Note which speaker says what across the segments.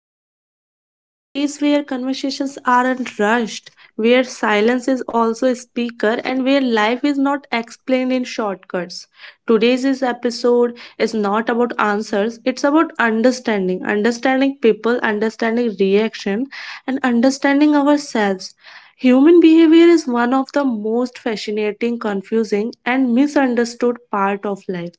Speaker 1: to Talkies, a space where conversations aren't rushed, where silence is also a speaker, and where life is not explained in shortcuts. Today's is episode is not about answers, it's about understanding, understanding people, understanding reaction, and understanding ourselves. Human behavior is one of the most fascinating, confusing, and misunderstood part of life.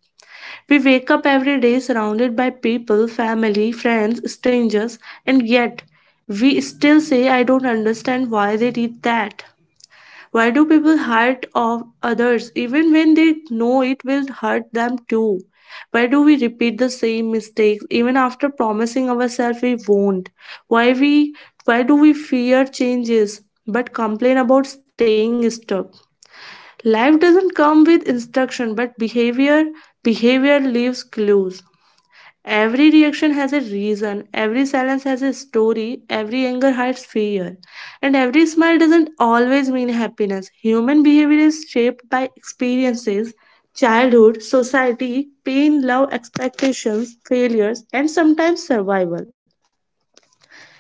Speaker 1: We wake up every day surrounded by people, family, friends, strangers, and yet we still say, I don't understand why they did that. Why do people hurt of others even when they know it will hurt them too? Why do we repeat the same mistakes even after promising ourselves we won't? Why we why do we fear changes but complain about staying stuck? Life doesn't come with instruction, but behavior leaves clues. Every reaction has a reason, every silence has a story, every anger hides fear, and every smile doesn't always mean happiness. Human behavior is shaped by experiences, childhood, society, pain, love, expectations, failures, and sometimes survival.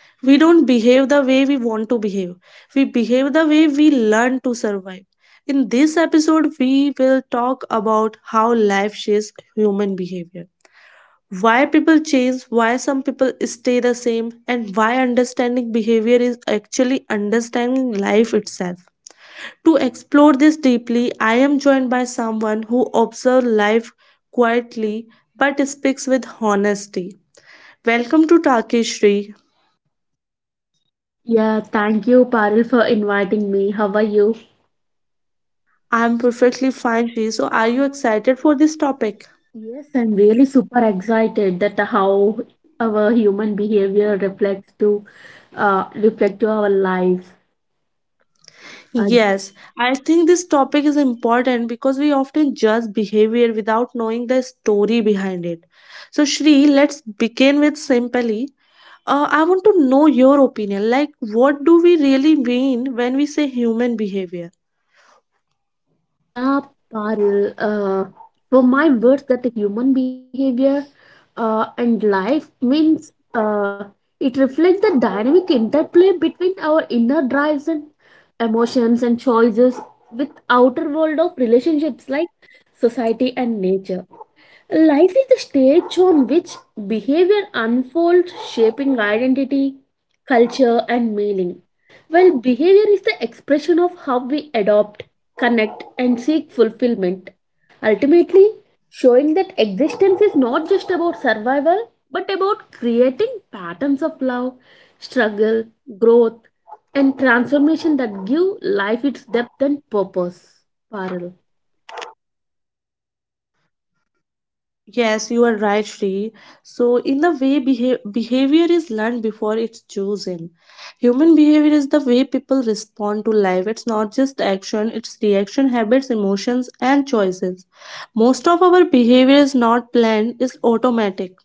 Speaker 1: We don't behave the way we want to behave, we behave the way we learn to survive. In this episode we will talk about how life shapes human behavior, why people change, why some people stay the same, and why understanding behavior is actually understanding life itself. To explore this deeply, I am joined by someone who observes life quietly but speaks with honesty. Welcome to Takeshri.
Speaker 2: Yeah, thank you, Paril, for inviting me. How are you?
Speaker 1: I'm perfectly fine, Shri. So, are you excited for this topic?
Speaker 2: Yes, I'm really super excited that how our human behavior reflects to reflect to our lives. Uh,
Speaker 1: Yes, I think this topic is important because we often judge behavior without knowing the story behind it. So, Shri, let's begin with simply. I want to know your opinion. Like, what do we really mean when we say human behavior?
Speaker 2: Yeah, Parul. For my words, that the human behavior and life means uh, it reflects the dynamic interplay between our inner drives and emotions and choices with outer world of relationships like society and nature. Life is the stage on which behavior unfolds, shaping identity, culture, and meaning. Well, behavior is the expression of how we adopt, connect, and seek fulfillment. Ultimately, showing that existence is not just about survival, but about creating patterns of love, struggle, growth, and transformation that give life its depth and purpose, Parul.
Speaker 1: Yes, you are right, Shri. So, in the way behavior is learned before it's chosen, human behavior is the way people respond to life. It's not just action, it's reaction, habits, emotions, and choices. Most of our behavior is not planned, it's automatic.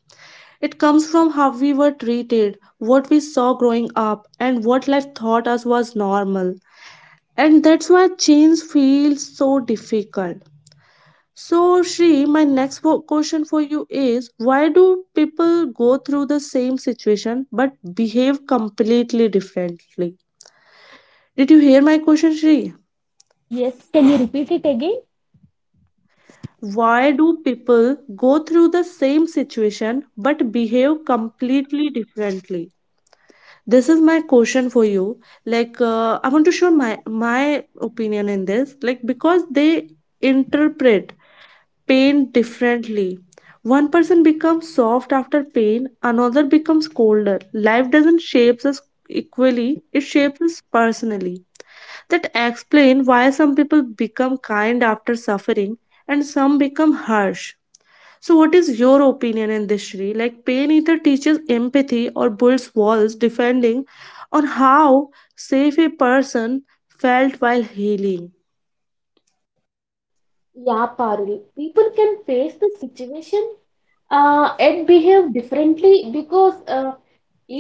Speaker 1: It comes from how we were treated, what we saw growing up, and what life taught us was normal. And that's why change feels so difficult. So, Shri, my next question for you is, why do people go through the same situation but behave completely differently? Did you hear my question, Shri?
Speaker 2: Yes, can you repeat it again?
Speaker 1: Why do people go through the same situation but behave completely differently? This is my question for you. Like, I want to share my opinion in this. Like, because they interpret pain differently. One person becomes soft after pain, another becomes colder. Life doesn't shape us equally, it shapes us personally. That explain why some people become kind after suffering and some become harsh. So what is your opinion in this, Shri? Like pain either teaches empathy or builds walls depending on how safe a person felt while healing.
Speaker 2: Yeah, Parul. People can face the situation it behave differently because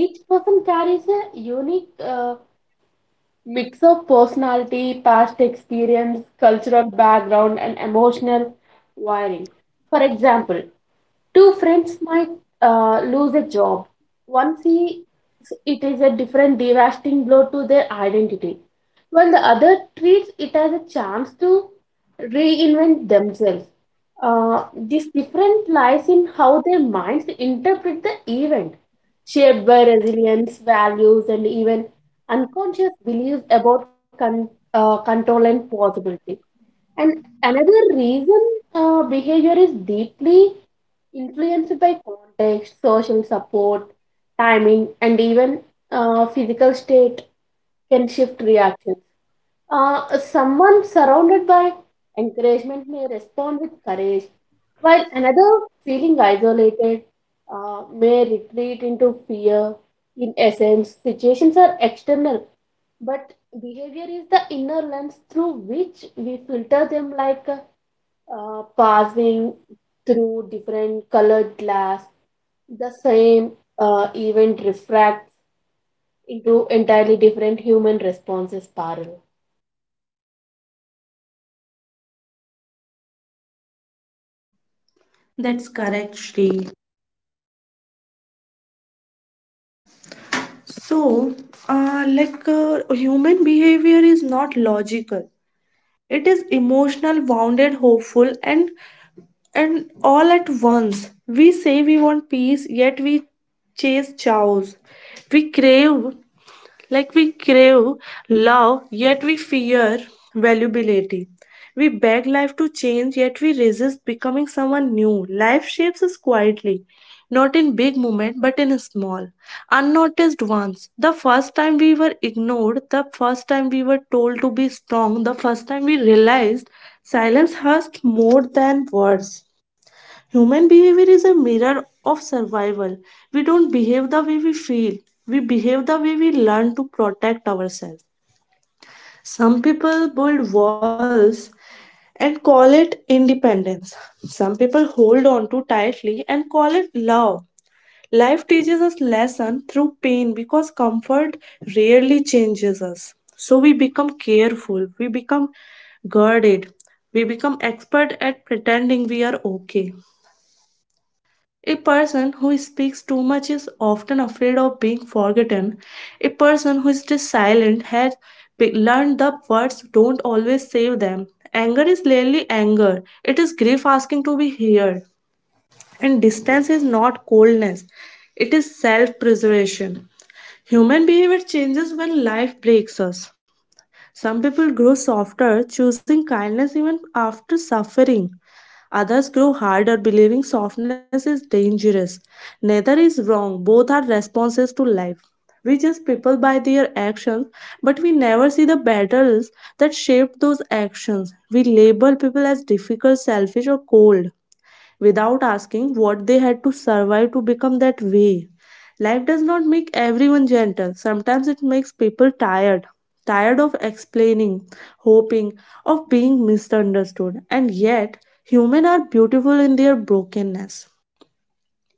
Speaker 2: each person carries a unique mix of personality, past experience, cultural background, and emotional wiring. For example, two friends might lose a job, one see it is a different devastating blow to their identity while the other treats it as a chance to reinvent themselves. Uh, this difference lies in how their minds interpret the event, shaped by resilience values and even unconscious beliefs about control and possibility. And another reason, behavior is deeply influenced by context, social support, timing, and even physical state can shift reactions. Someone surrounded by encouragement may respond with courage, while another feeling isolated may retreat into fear. In essence, situations are external, but behavior is the inner lens through which we filter them, like passing through different colored glass, the same event refracts into entirely different human responses, Parul.
Speaker 1: That's correct, Shri. So, human behavior is not logical. It is emotional, wounded, hopeful, and all at once. We say we want peace, yet we chase chaos. We crave we crave love, yet we fear valuability. We beg life to change, yet we resist becoming someone new. Life shapes us quietly, not in big moments, but in small, unnoticed ones. The first time we were ignored, the first time we were told to be strong, the first time we realized silence hurt more than words. Human behavior is a mirror of survival. We don't behave the way we feel, we behave the way we learn to protect ourselves. Some people build walls and call it independence. Some people hold on too tightly and call it love. Life teaches us lesson through pain because comfort rarely changes us. So we become careful, we become guarded, we become expert at pretending we are okay. A person who speaks too much is often afraid of being forgotten. A person who stays silent has learned the words don't always save them. Anger is rarely anger, it is grief asking to be heard. And distance is not coldness, it is self preservation. Human behavior changes when life breaks us. Some people grow softer, choosing kindness even after suffering. Others grow harder, believing softness is dangerous. Neither is wrong, both are responses to life. We judge people by their actions, but we never see the battles that shaped those actions. We label people as difficult, selfish, or cold without asking what they had to survive to become that way. Life does not make everyone gentle. Sometimes it makes people tired, tired of explaining, hoping, of being misunderstood. And yet, humans are beautiful in their brokenness.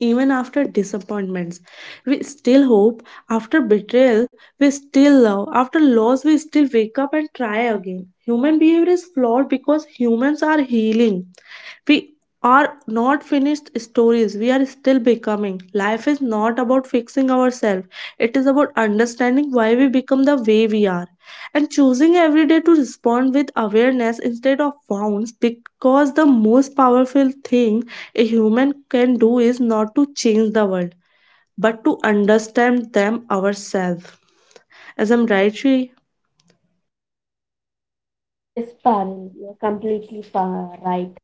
Speaker 1: Even after disappointments, we still hope. After betrayal, we still love. After loss, we still wake up and try again. Human behavior is flawed because humans are healing. We are not finished stories, we are still becoming. Life is not about fixing ourselves, it is about understanding why we become the way we are and choosing every day to respond with awareness instead of wounds, because the most powerful thing a human can do is not to change the world but to understand them ourselves. As I'm right, Shri?
Speaker 2: Yes, Parul, you're completely right.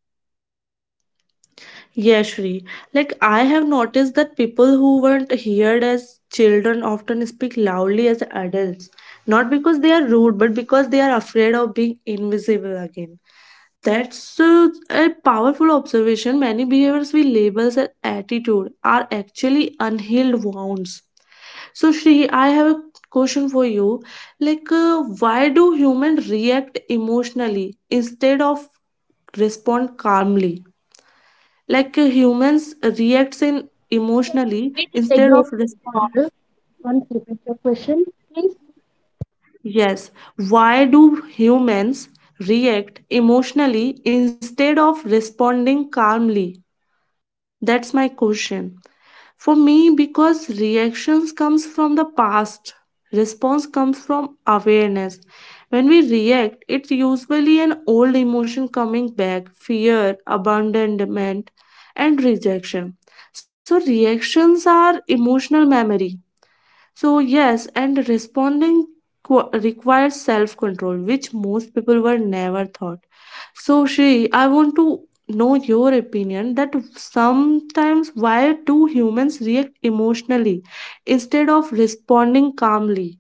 Speaker 1: Yeah, Shri. Like I have noticed that people who weren't heard as children often speak loudly as adults, not because they are rude, but because they are afraid of being invisible again. That's a powerful observation. Many behaviors we label as attitude are actually unhealed wounds. So, Shri, I have a question for you. Like, why do humans react emotionally instead of respond calmly? Humans reacts in
Speaker 2: Can you
Speaker 1: emotionally
Speaker 2: repeat it
Speaker 1: instead
Speaker 2: again,
Speaker 1: of respond.
Speaker 2: Parul? Once repeat your question, please.
Speaker 1: Yes, why do humans react emotionally instead of responding calmly? That's my question. For me, because reactions comes from the past, response comes from awareness. When we react, it's usually an old emotion coming back, fear, abandonment, and rejection. So reactions are emotional memory. So, yes, and responding requires self control, which most people were never thought. So, Shri, I want to know your opinion that sometimes why do humans react emotionally instead of responding calmly?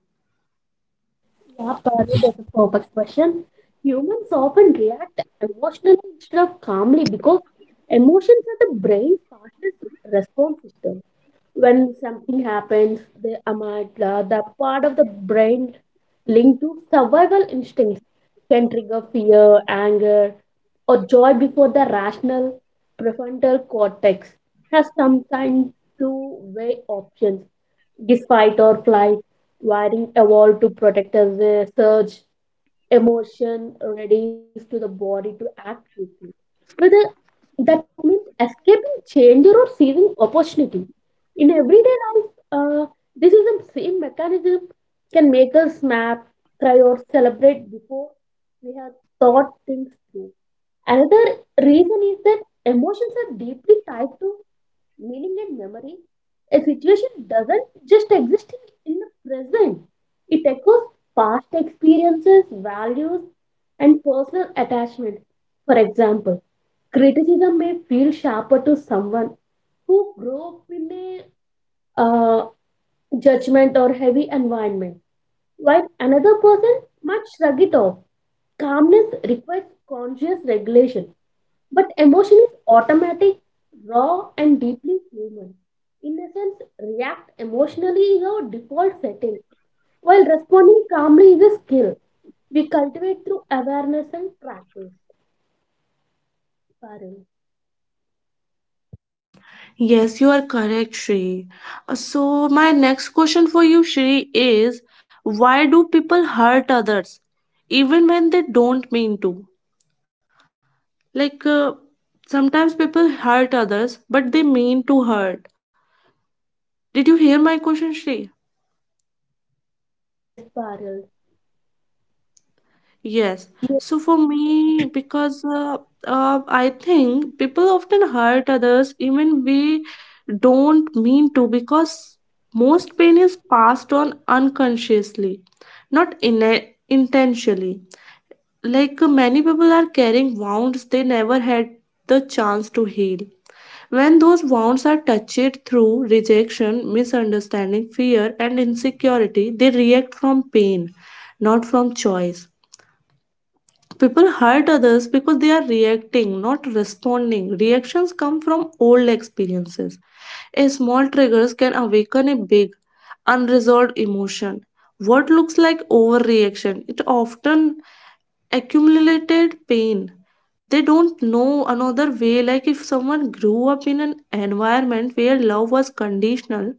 Speaker 2: Yeah, Parul, that's a perfect question. Humans often react emotionally instead of calmly because emotions are the brain's fastest response system. When something happens, the amygdala, the part of the brain linked to survival instincts, can trigger fear, anger, or joy before the rational prefrontal cortex has some time to weigh options. This fight or flight wiring evolved to protect us. Surge, emotion readies to the body to act quickly. Whether that means escaping danger or seizing opportunity. In everyday life, this is the same mechanism can make us snap, cry, or celebrate before we have thought things through. Another reason is that emotions are deeply tied to meaning and memory. A situation doesn't just exist in the present, it echoes past experiences, values, and personal attachment. For example, criticism may feel sharper to someone who grew up in a uh, judgment or heavy environment, while another person might shrug it off. Calmness requires conscious regulation, but emotion is automatic, raw, and deeply human. In essence, react emotionally is our default setting, while responding calmly is a skill we cultivate through awareness and practice, Parul.
Speaker 1: Yes, you are correct, Shri. So, my next question for you, Shri, is why do people hurt others even when they don't mean to? Like, sometimes people hurt others, but they mean to hurt. Did you hear my question, Shri?
Speaker 2: Yes, Parul.
Speaker 1: Yes. So for me, because I think people often hurt others even we don't mean to, because most pain is passed on unconsciously, not in intentionally. Like many people are carrying wounds they never had the chance to heal. When those wounds are touched through rejection, misunderstanding, fear, and insecurity, they react from pain, not from choice. People hurt others because they are reacting, not responding. Reactions come from old experiences. A small triggers can awaken a big, unresolved emotion. What looks like overreaction, it often accumulated pain. They don't know another way. Like if someone grew up in an environment where love was conditional,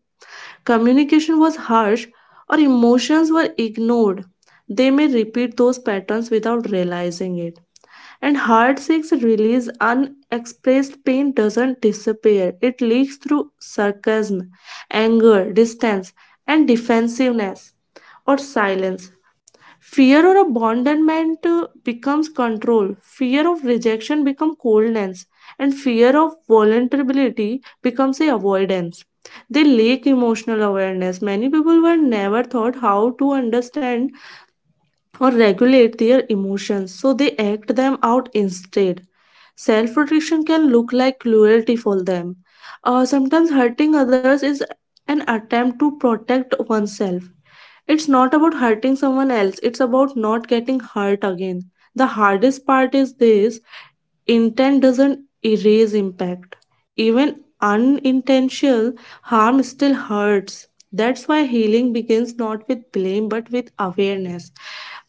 Speaker 1: communication was harsh, or emotions were ignored, they may repeat those patterns without realizing it. And heartbreak's release unexpressed pain doesn't disappear. It leaks through sarcasm, anger, distance, and defensiveness or silence. Fear or abandonment becomes control. Fear of rejection becomes coldness, and fear of vulnerability becomes a avoidance. They lack emotional awareness. Many people were never taught how to understand or regulate their emotions, so they act them out instead. Self protection can look like cruelty for them. Sometimes hurting others is an attempt to protect oneself. It's not about hurting someone else, it's about not getting hurt again. The hardest part is this: intent doesn't erase impact. Even unintentional harm still hurts. That's why healing begins not with blame but with awareness.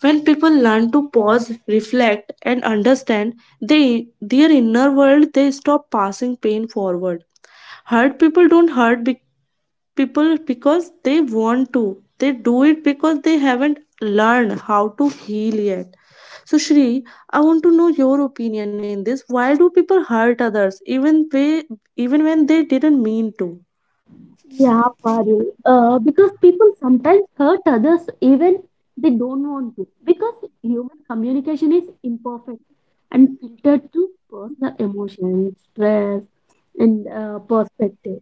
Speaker 1: When people learn to pause, reflect, and understand they, their inner world, they stop passing pain forward. Hurt people don't people because they want to, they do it because they haven't learned how to heal yet. So, Shri, I want to know your opinion in this. Why do people hurt others even, they, even when they didn't mean to?
Speaker 2: Yeah, Parul. Because people sometimes hurt others even they don't want to, because human communication is imperfect and filtered through personal emotions, stress, and perspective.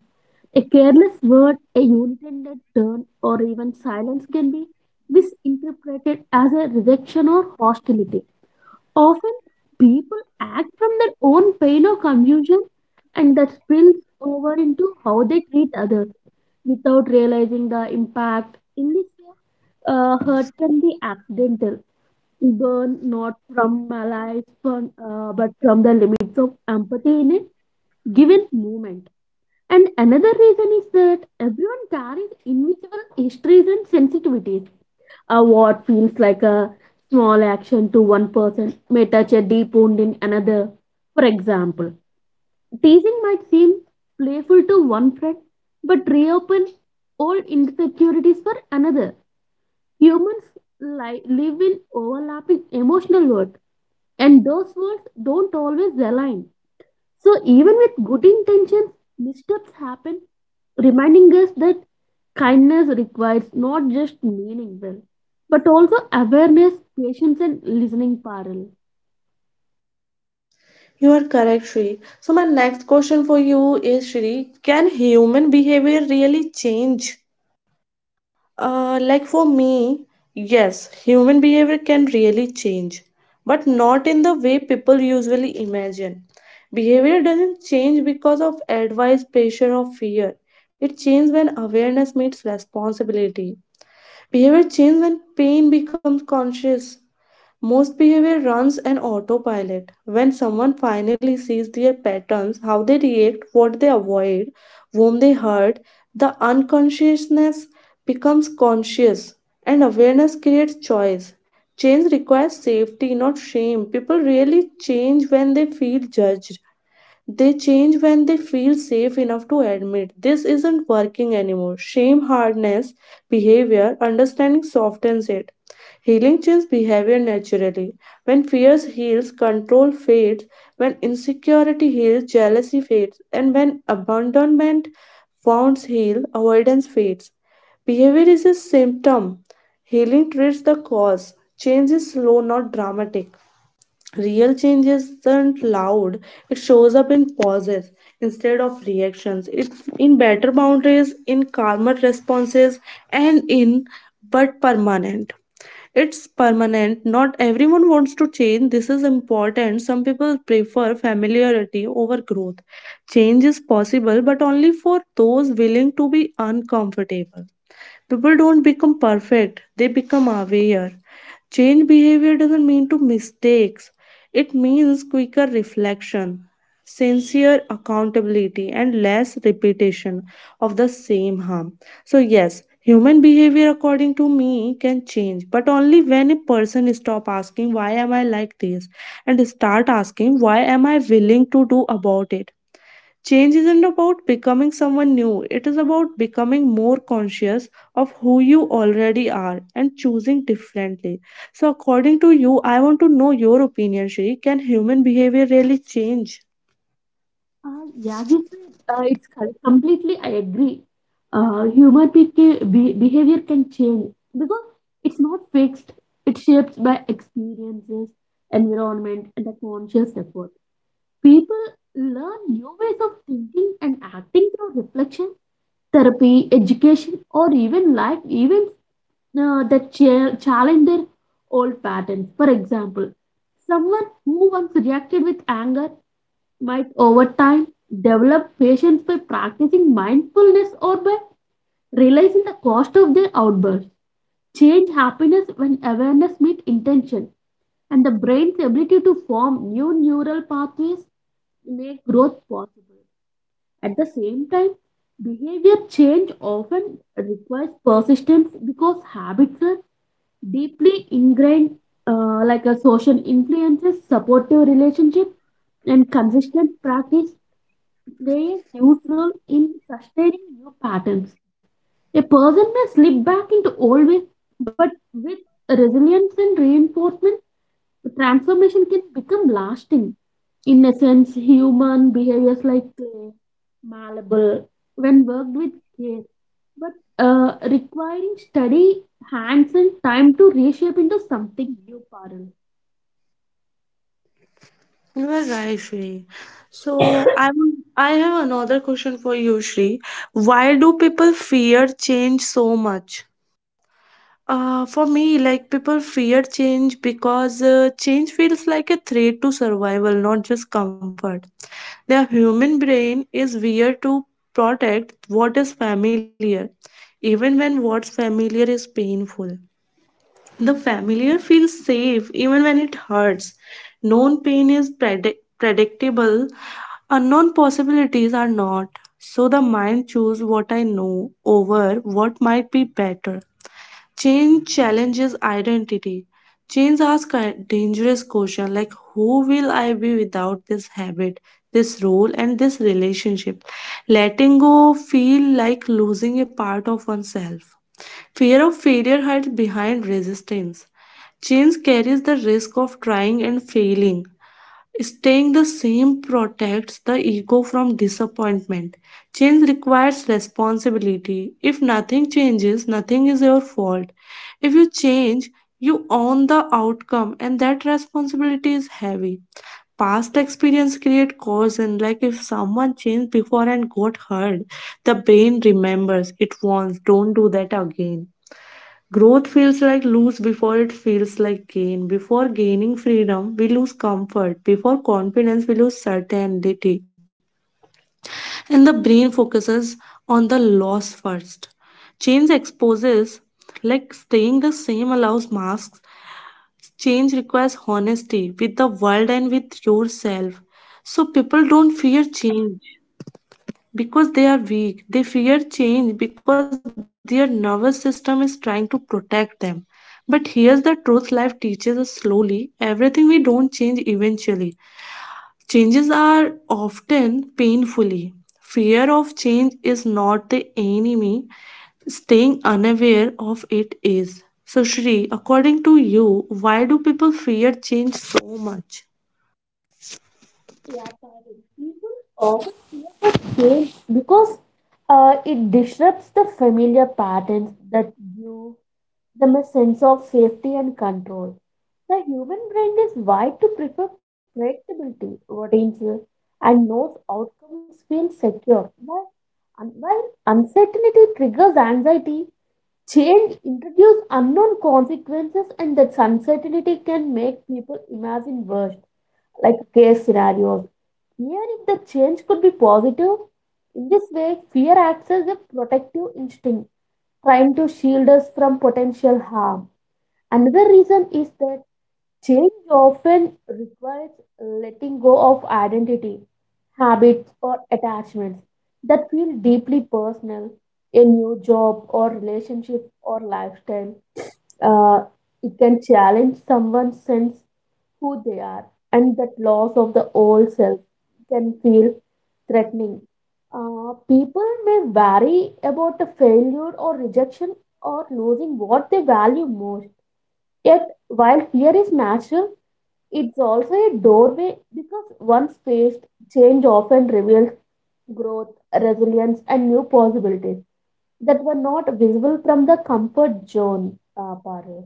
Speaker 2: A careless word, a unintended turn, or even silence can be misinterpreted as a rejection or hostility. Often people act from their own pain or confusion, and that spills over into how they treat others without realizing the impact. In this case, hurt can be accidental, born not from malice, but from the limits of empathy in a given moment. And another reason is that everyone carries invisible histories and sensitivities. Uh, what feels like a small action to one person may touch a deep wound in another. For example, teasing might seem playful to one friend, but reopen old insecurities for another. Humans live in overlapping emotional worlds, and those worlds don't always align. So, even with good intentions, missteps happen, reminding us that kindness requires not just meaning well, but also awareness, patience, and listening, parallel.
Speaker 1: You are correct, Shri. So my next question for you is, Shri, can human behavior really change? Like for me, yes, human behavior can really change, but not in the way people usually imagine. Behavior doesn't change because of advice, pressure, or fear. It changes when awareness meets responsibility. Behavior changes when pain becomes conscious. Most behavior runs an autopilot. When someone finally sees their patterns, how they react, what they avoid, whom they hurt, the unconsciousness becomes conscious and awareness creates choice. Change requires safety, not shame. People really change when they feel judged. They change when they feel safe enough to admit this isn't working anymore. Shame hardness behavior, understanding softens it. Healing changes behavior naturally. When fears heals, control fades. When insecurity heals, jealousy fades. And when abandonment wounds heal, avoidance fades. Behavior is a symptom. Healing treats the cause. Change is slow, not dramatic. Real change isn't loud, it shows up in pauses instead of reactions, in better boundaries, in calmer responses, and in but permanent. It's permanent. Not everyone wants to change. This is important. Some people prefer familiarity over growth. Change is possible, but only for those willing to be uncomfortable. People don't become perfect, they become aware. Change behavior doesn't mean to mistakes, it means quicker reflection, sincere accountability, and less repetition of the same harm. So, yes, human behavior, according to me, can change, but only when a person stop asking, why am I like this? And start asking, why am I willing to do about it? Change isn't about becoming someone new, it is about becoming more conscious of who you already are and choosing differently. So, according to you, I want to know your opinion, Shri. Can human behavior really change?
Speaker 2: Yeah, you said it's completely I agree. Uh, human behavior can change because it's not fixed. It shapes by experiences, environment, and a conscious effort. People learn new ways of thinking and acting through reflection, therapy, education, or even life events that challenge their old patterns. For example, someone who once reacted with anger might over time develop patience by practicing mindfulness or by realizing the cost of their outbursts. Change happiness when awareness meets intention, and the brain's ability to form new neural pathways make growth possible. At the same time, behavior change often requires persistence because habits are deeply ingrained. Uh, like a social influences, supportive relationship, and consistent practice play a huge role in sustaining new patterns. A person may slip back into old ways, but with resilience and reinforcement, the transformation can become lasting. In essence, human behaviors like clay, malleable, when worked with care, but requiring study, hands, and time to reshape into something new, Parul.
Speaker 1: You are right, Shri. So, I want- I have another question for you, Shri. Why do people fear change so much? For me, like people fear change because change feels like a threat to survival, not just comfort. The human brain is weird to protect what is familiar, even when what's familiar is painful. The familiar feels safe even when it hurts. Known pain is predictable, unknown possibilities are not. So the mind chooses what I know over what might be better. Change challenges identity. Change asks a dangerous question like who will I be without this habit, this role, and this relationship? Letting go feel like losing a part of oneself. Fear of failure hides behind resistance. Change carries the risk of trying and failing. Staying the same protects the ego from disappointment. Change requires responsibility. If nothing changes, nothing is your fault. If you change, you own the outcome, and that responsibility is heavy. Past experience create cause, and like if someone changed before and got hurt, the brain remembers it once. Don't do that again. Growth feels like lose before it feels like gain. Before gaining freedom, we lose comfort. Before confidence, we lose certainty. And the brain focuses on the loss first. Change exposes, like staying the same allows masks. Change requires honesty with the world and with yourself. So people don't fear change because they are weak. They fear change because their nervous system is trying to protect them. But here's the truth life teaches us slowly everything we don't change eventually. Changes are often painfully. Fear of change is not the enemy, staying unaware of it is. So, Shri, according to you, why do people fear change so much?
Speaker 2: Yeah, Parul. People often fear of change because it disrupts the familiar patterns that give them a sense of safety and control. The human brain is wired to prefer predictability, routines, and knows outcomes feel secure. While, while uncertainty triggers anxiety, change introduces unknown consequences, and that uncertainty can make people imagine worst, like case scenarios. Even if the change could be positive, in this way, fear acts as a protective instinct, trying to shield us from potential harm. Another reason is that change often requires letting go of identity, habits, or attachments that feel deeply personal. A new job or relationship or lifestyle, uh, it can challenge someone's sense who they are, and that loss of the old self can feel threatening. Uh, people may worry about the failure or rejection or losing what they value most. Yet while fear is natural, it's also a doorway, because once faced, change often reveals growth, resilience, and new possibilities that were not visible from the comfort zone, Parul.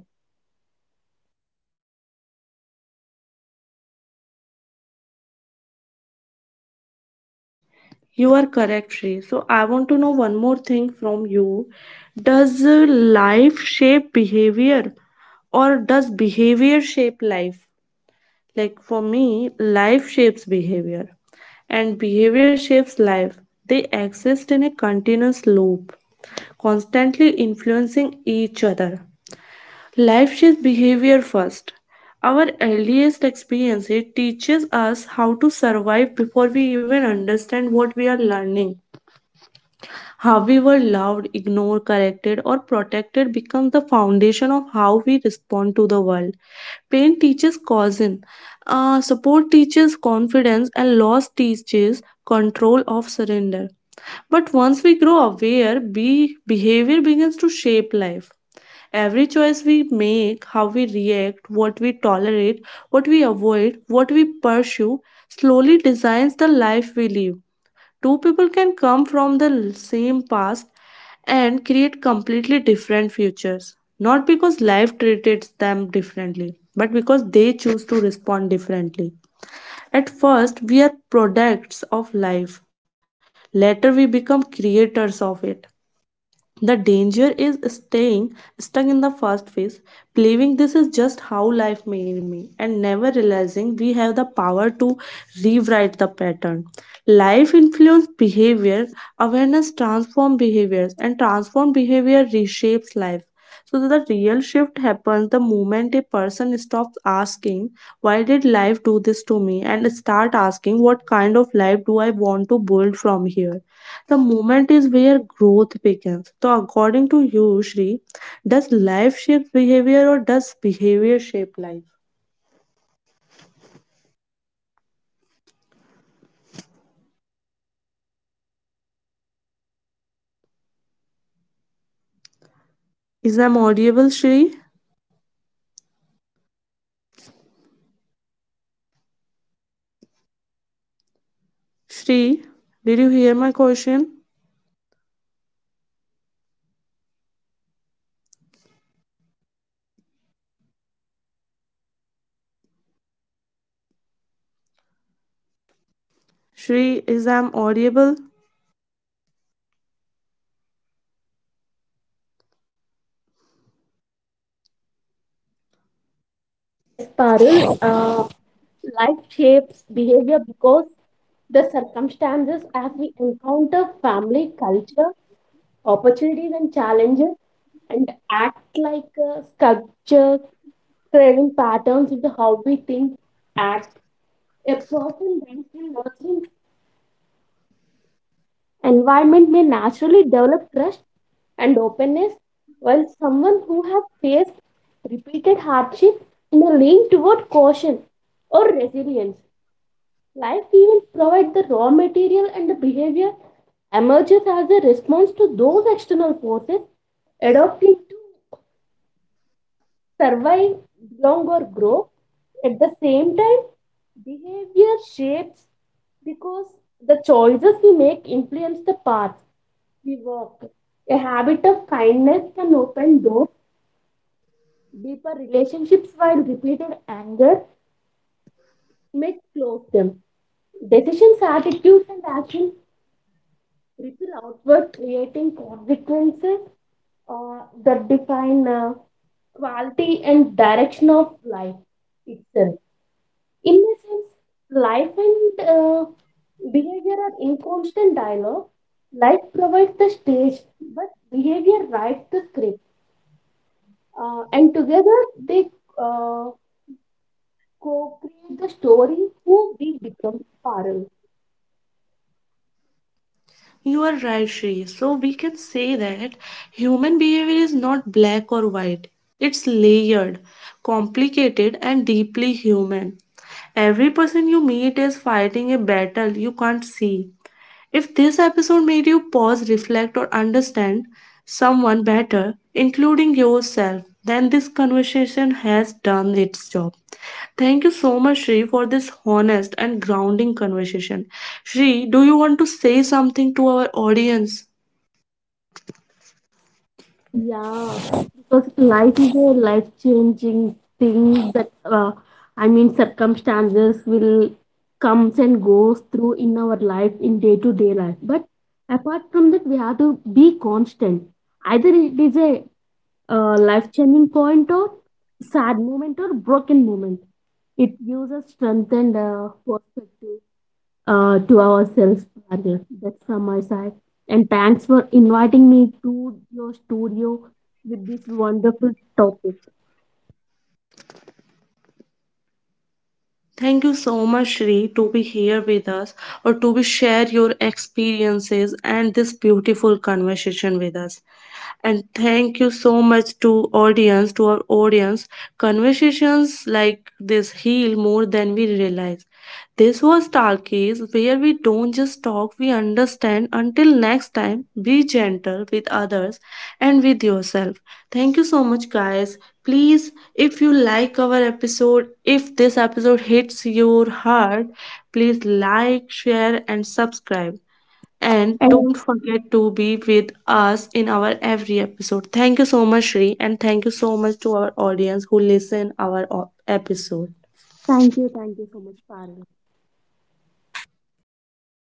Speaker 1: You are correct, Shri. So I want to know one more thing from you. Does life shape behavior or does behavior shape life? Like for me, life shapes behavior and behavior shapes life. They exist in a continuous loop, constantly influencing each other. Life shapes behavior first. Our earliest experience it teaches us how to survive before we even understand what we are learning. How we were loved, ignored, corrected, or protected becomes the foundation of how we respond to the world. Pain teaches caution, support teaches confidence, and loss teaches control of surrender. But once we grow aware, behavior begins to shape life. Every choice we make, how we react, what we tolerate, what we avoid, what we pursue, slowly designs the life we live. Two people can come from the same past and create completely different futures. Not because life treated them differently, but because they choose to respond differently. At first, we are products of life. Later, we become creators of it. The danger is staying stuck in the first phase, believing this is just how life made me, and never realizing we have the power to rewrite the pattern. Life influences behavior, awareness transforms behaviors, and transformed behavior reshapes life. So the real shift happens the moment a person stops asking, why did life do this to me? And start asking, what kind of life do I want to build from here? The moment is where growth begins. So, according to you, Shri, does life shape behavior or does behavior shape life? Is I'm audible, Shri? Shri, did you hear my question? Shri, is I'm audible?
Speaker 2: Yes, Parul, life shapes behavior because the circumstances as we encounter family culture, opportunities, and challenges, and act like a sculpture, creating patterns into how we think, act. A person raised in nurturing environment may naturally develop trust and openness, while someone who has faced repeated hardship may lean toward caution or resilience. Life even provides the raw material, and the behavior emerges as a response to those external forces, adopting to survive, belong, or grow. At the same time, behavior shapes because the choices we make influence the path we walk. A habit of kindness can open doors, deeper relationships, while repeated anger may close them. Decisions, attitudes, and actions ripple outward, creating consequences that define quality and direction of life itself. In a sense, life and behavior are in constant dialogue. Life provides the stage, but behavior writes the script. And together they uh, co create the story who we become, parallel.
Speaker 1: You are right, Shri. So we can say that human behavior is not black or white. It's layered, complicated, and deeply human. Every person you meet is fighting a battle you can't see. If this episode made you pause, reflect, or understand someone better, including yourself, then this conversation has done its job. Thank you so much, Shri, for this honest and grounding conversation. Shri, do you want to say something to our audience?
Speaker 2: Yeah, because life is a life-changing thing that I mean circumstances will comes and goes through in our life in day-to-day life. But apart from that, we have to be constant. Either it is a life-changing point or sad moment or broken moment. It gives us strength and perspective to ourselves, Bhargav. That's from my side. And thanks for inviting me to your studio with this wonderful topic.
Speaker 1: Thank you so much, Shri, to be here with us or to be share your experiences and this beautiful conversation with us. And thank you so much to audience, to our audience. Conversations like this heal more than we realize. This was Talkies, where we don't just talk, we understand. Until next time, be gentle with others and with yourself. Thank you so much, guys. Please if you like our episode, if this episode hits your heart, please like, share, and subscribe. And
Speaker 2: And
Speaker 1: don't forget to be with us in our every episode. Thank you so much, Shri, and thank you so much to our audience who listen our episode.
Speaker 2: thank you so much, Parul.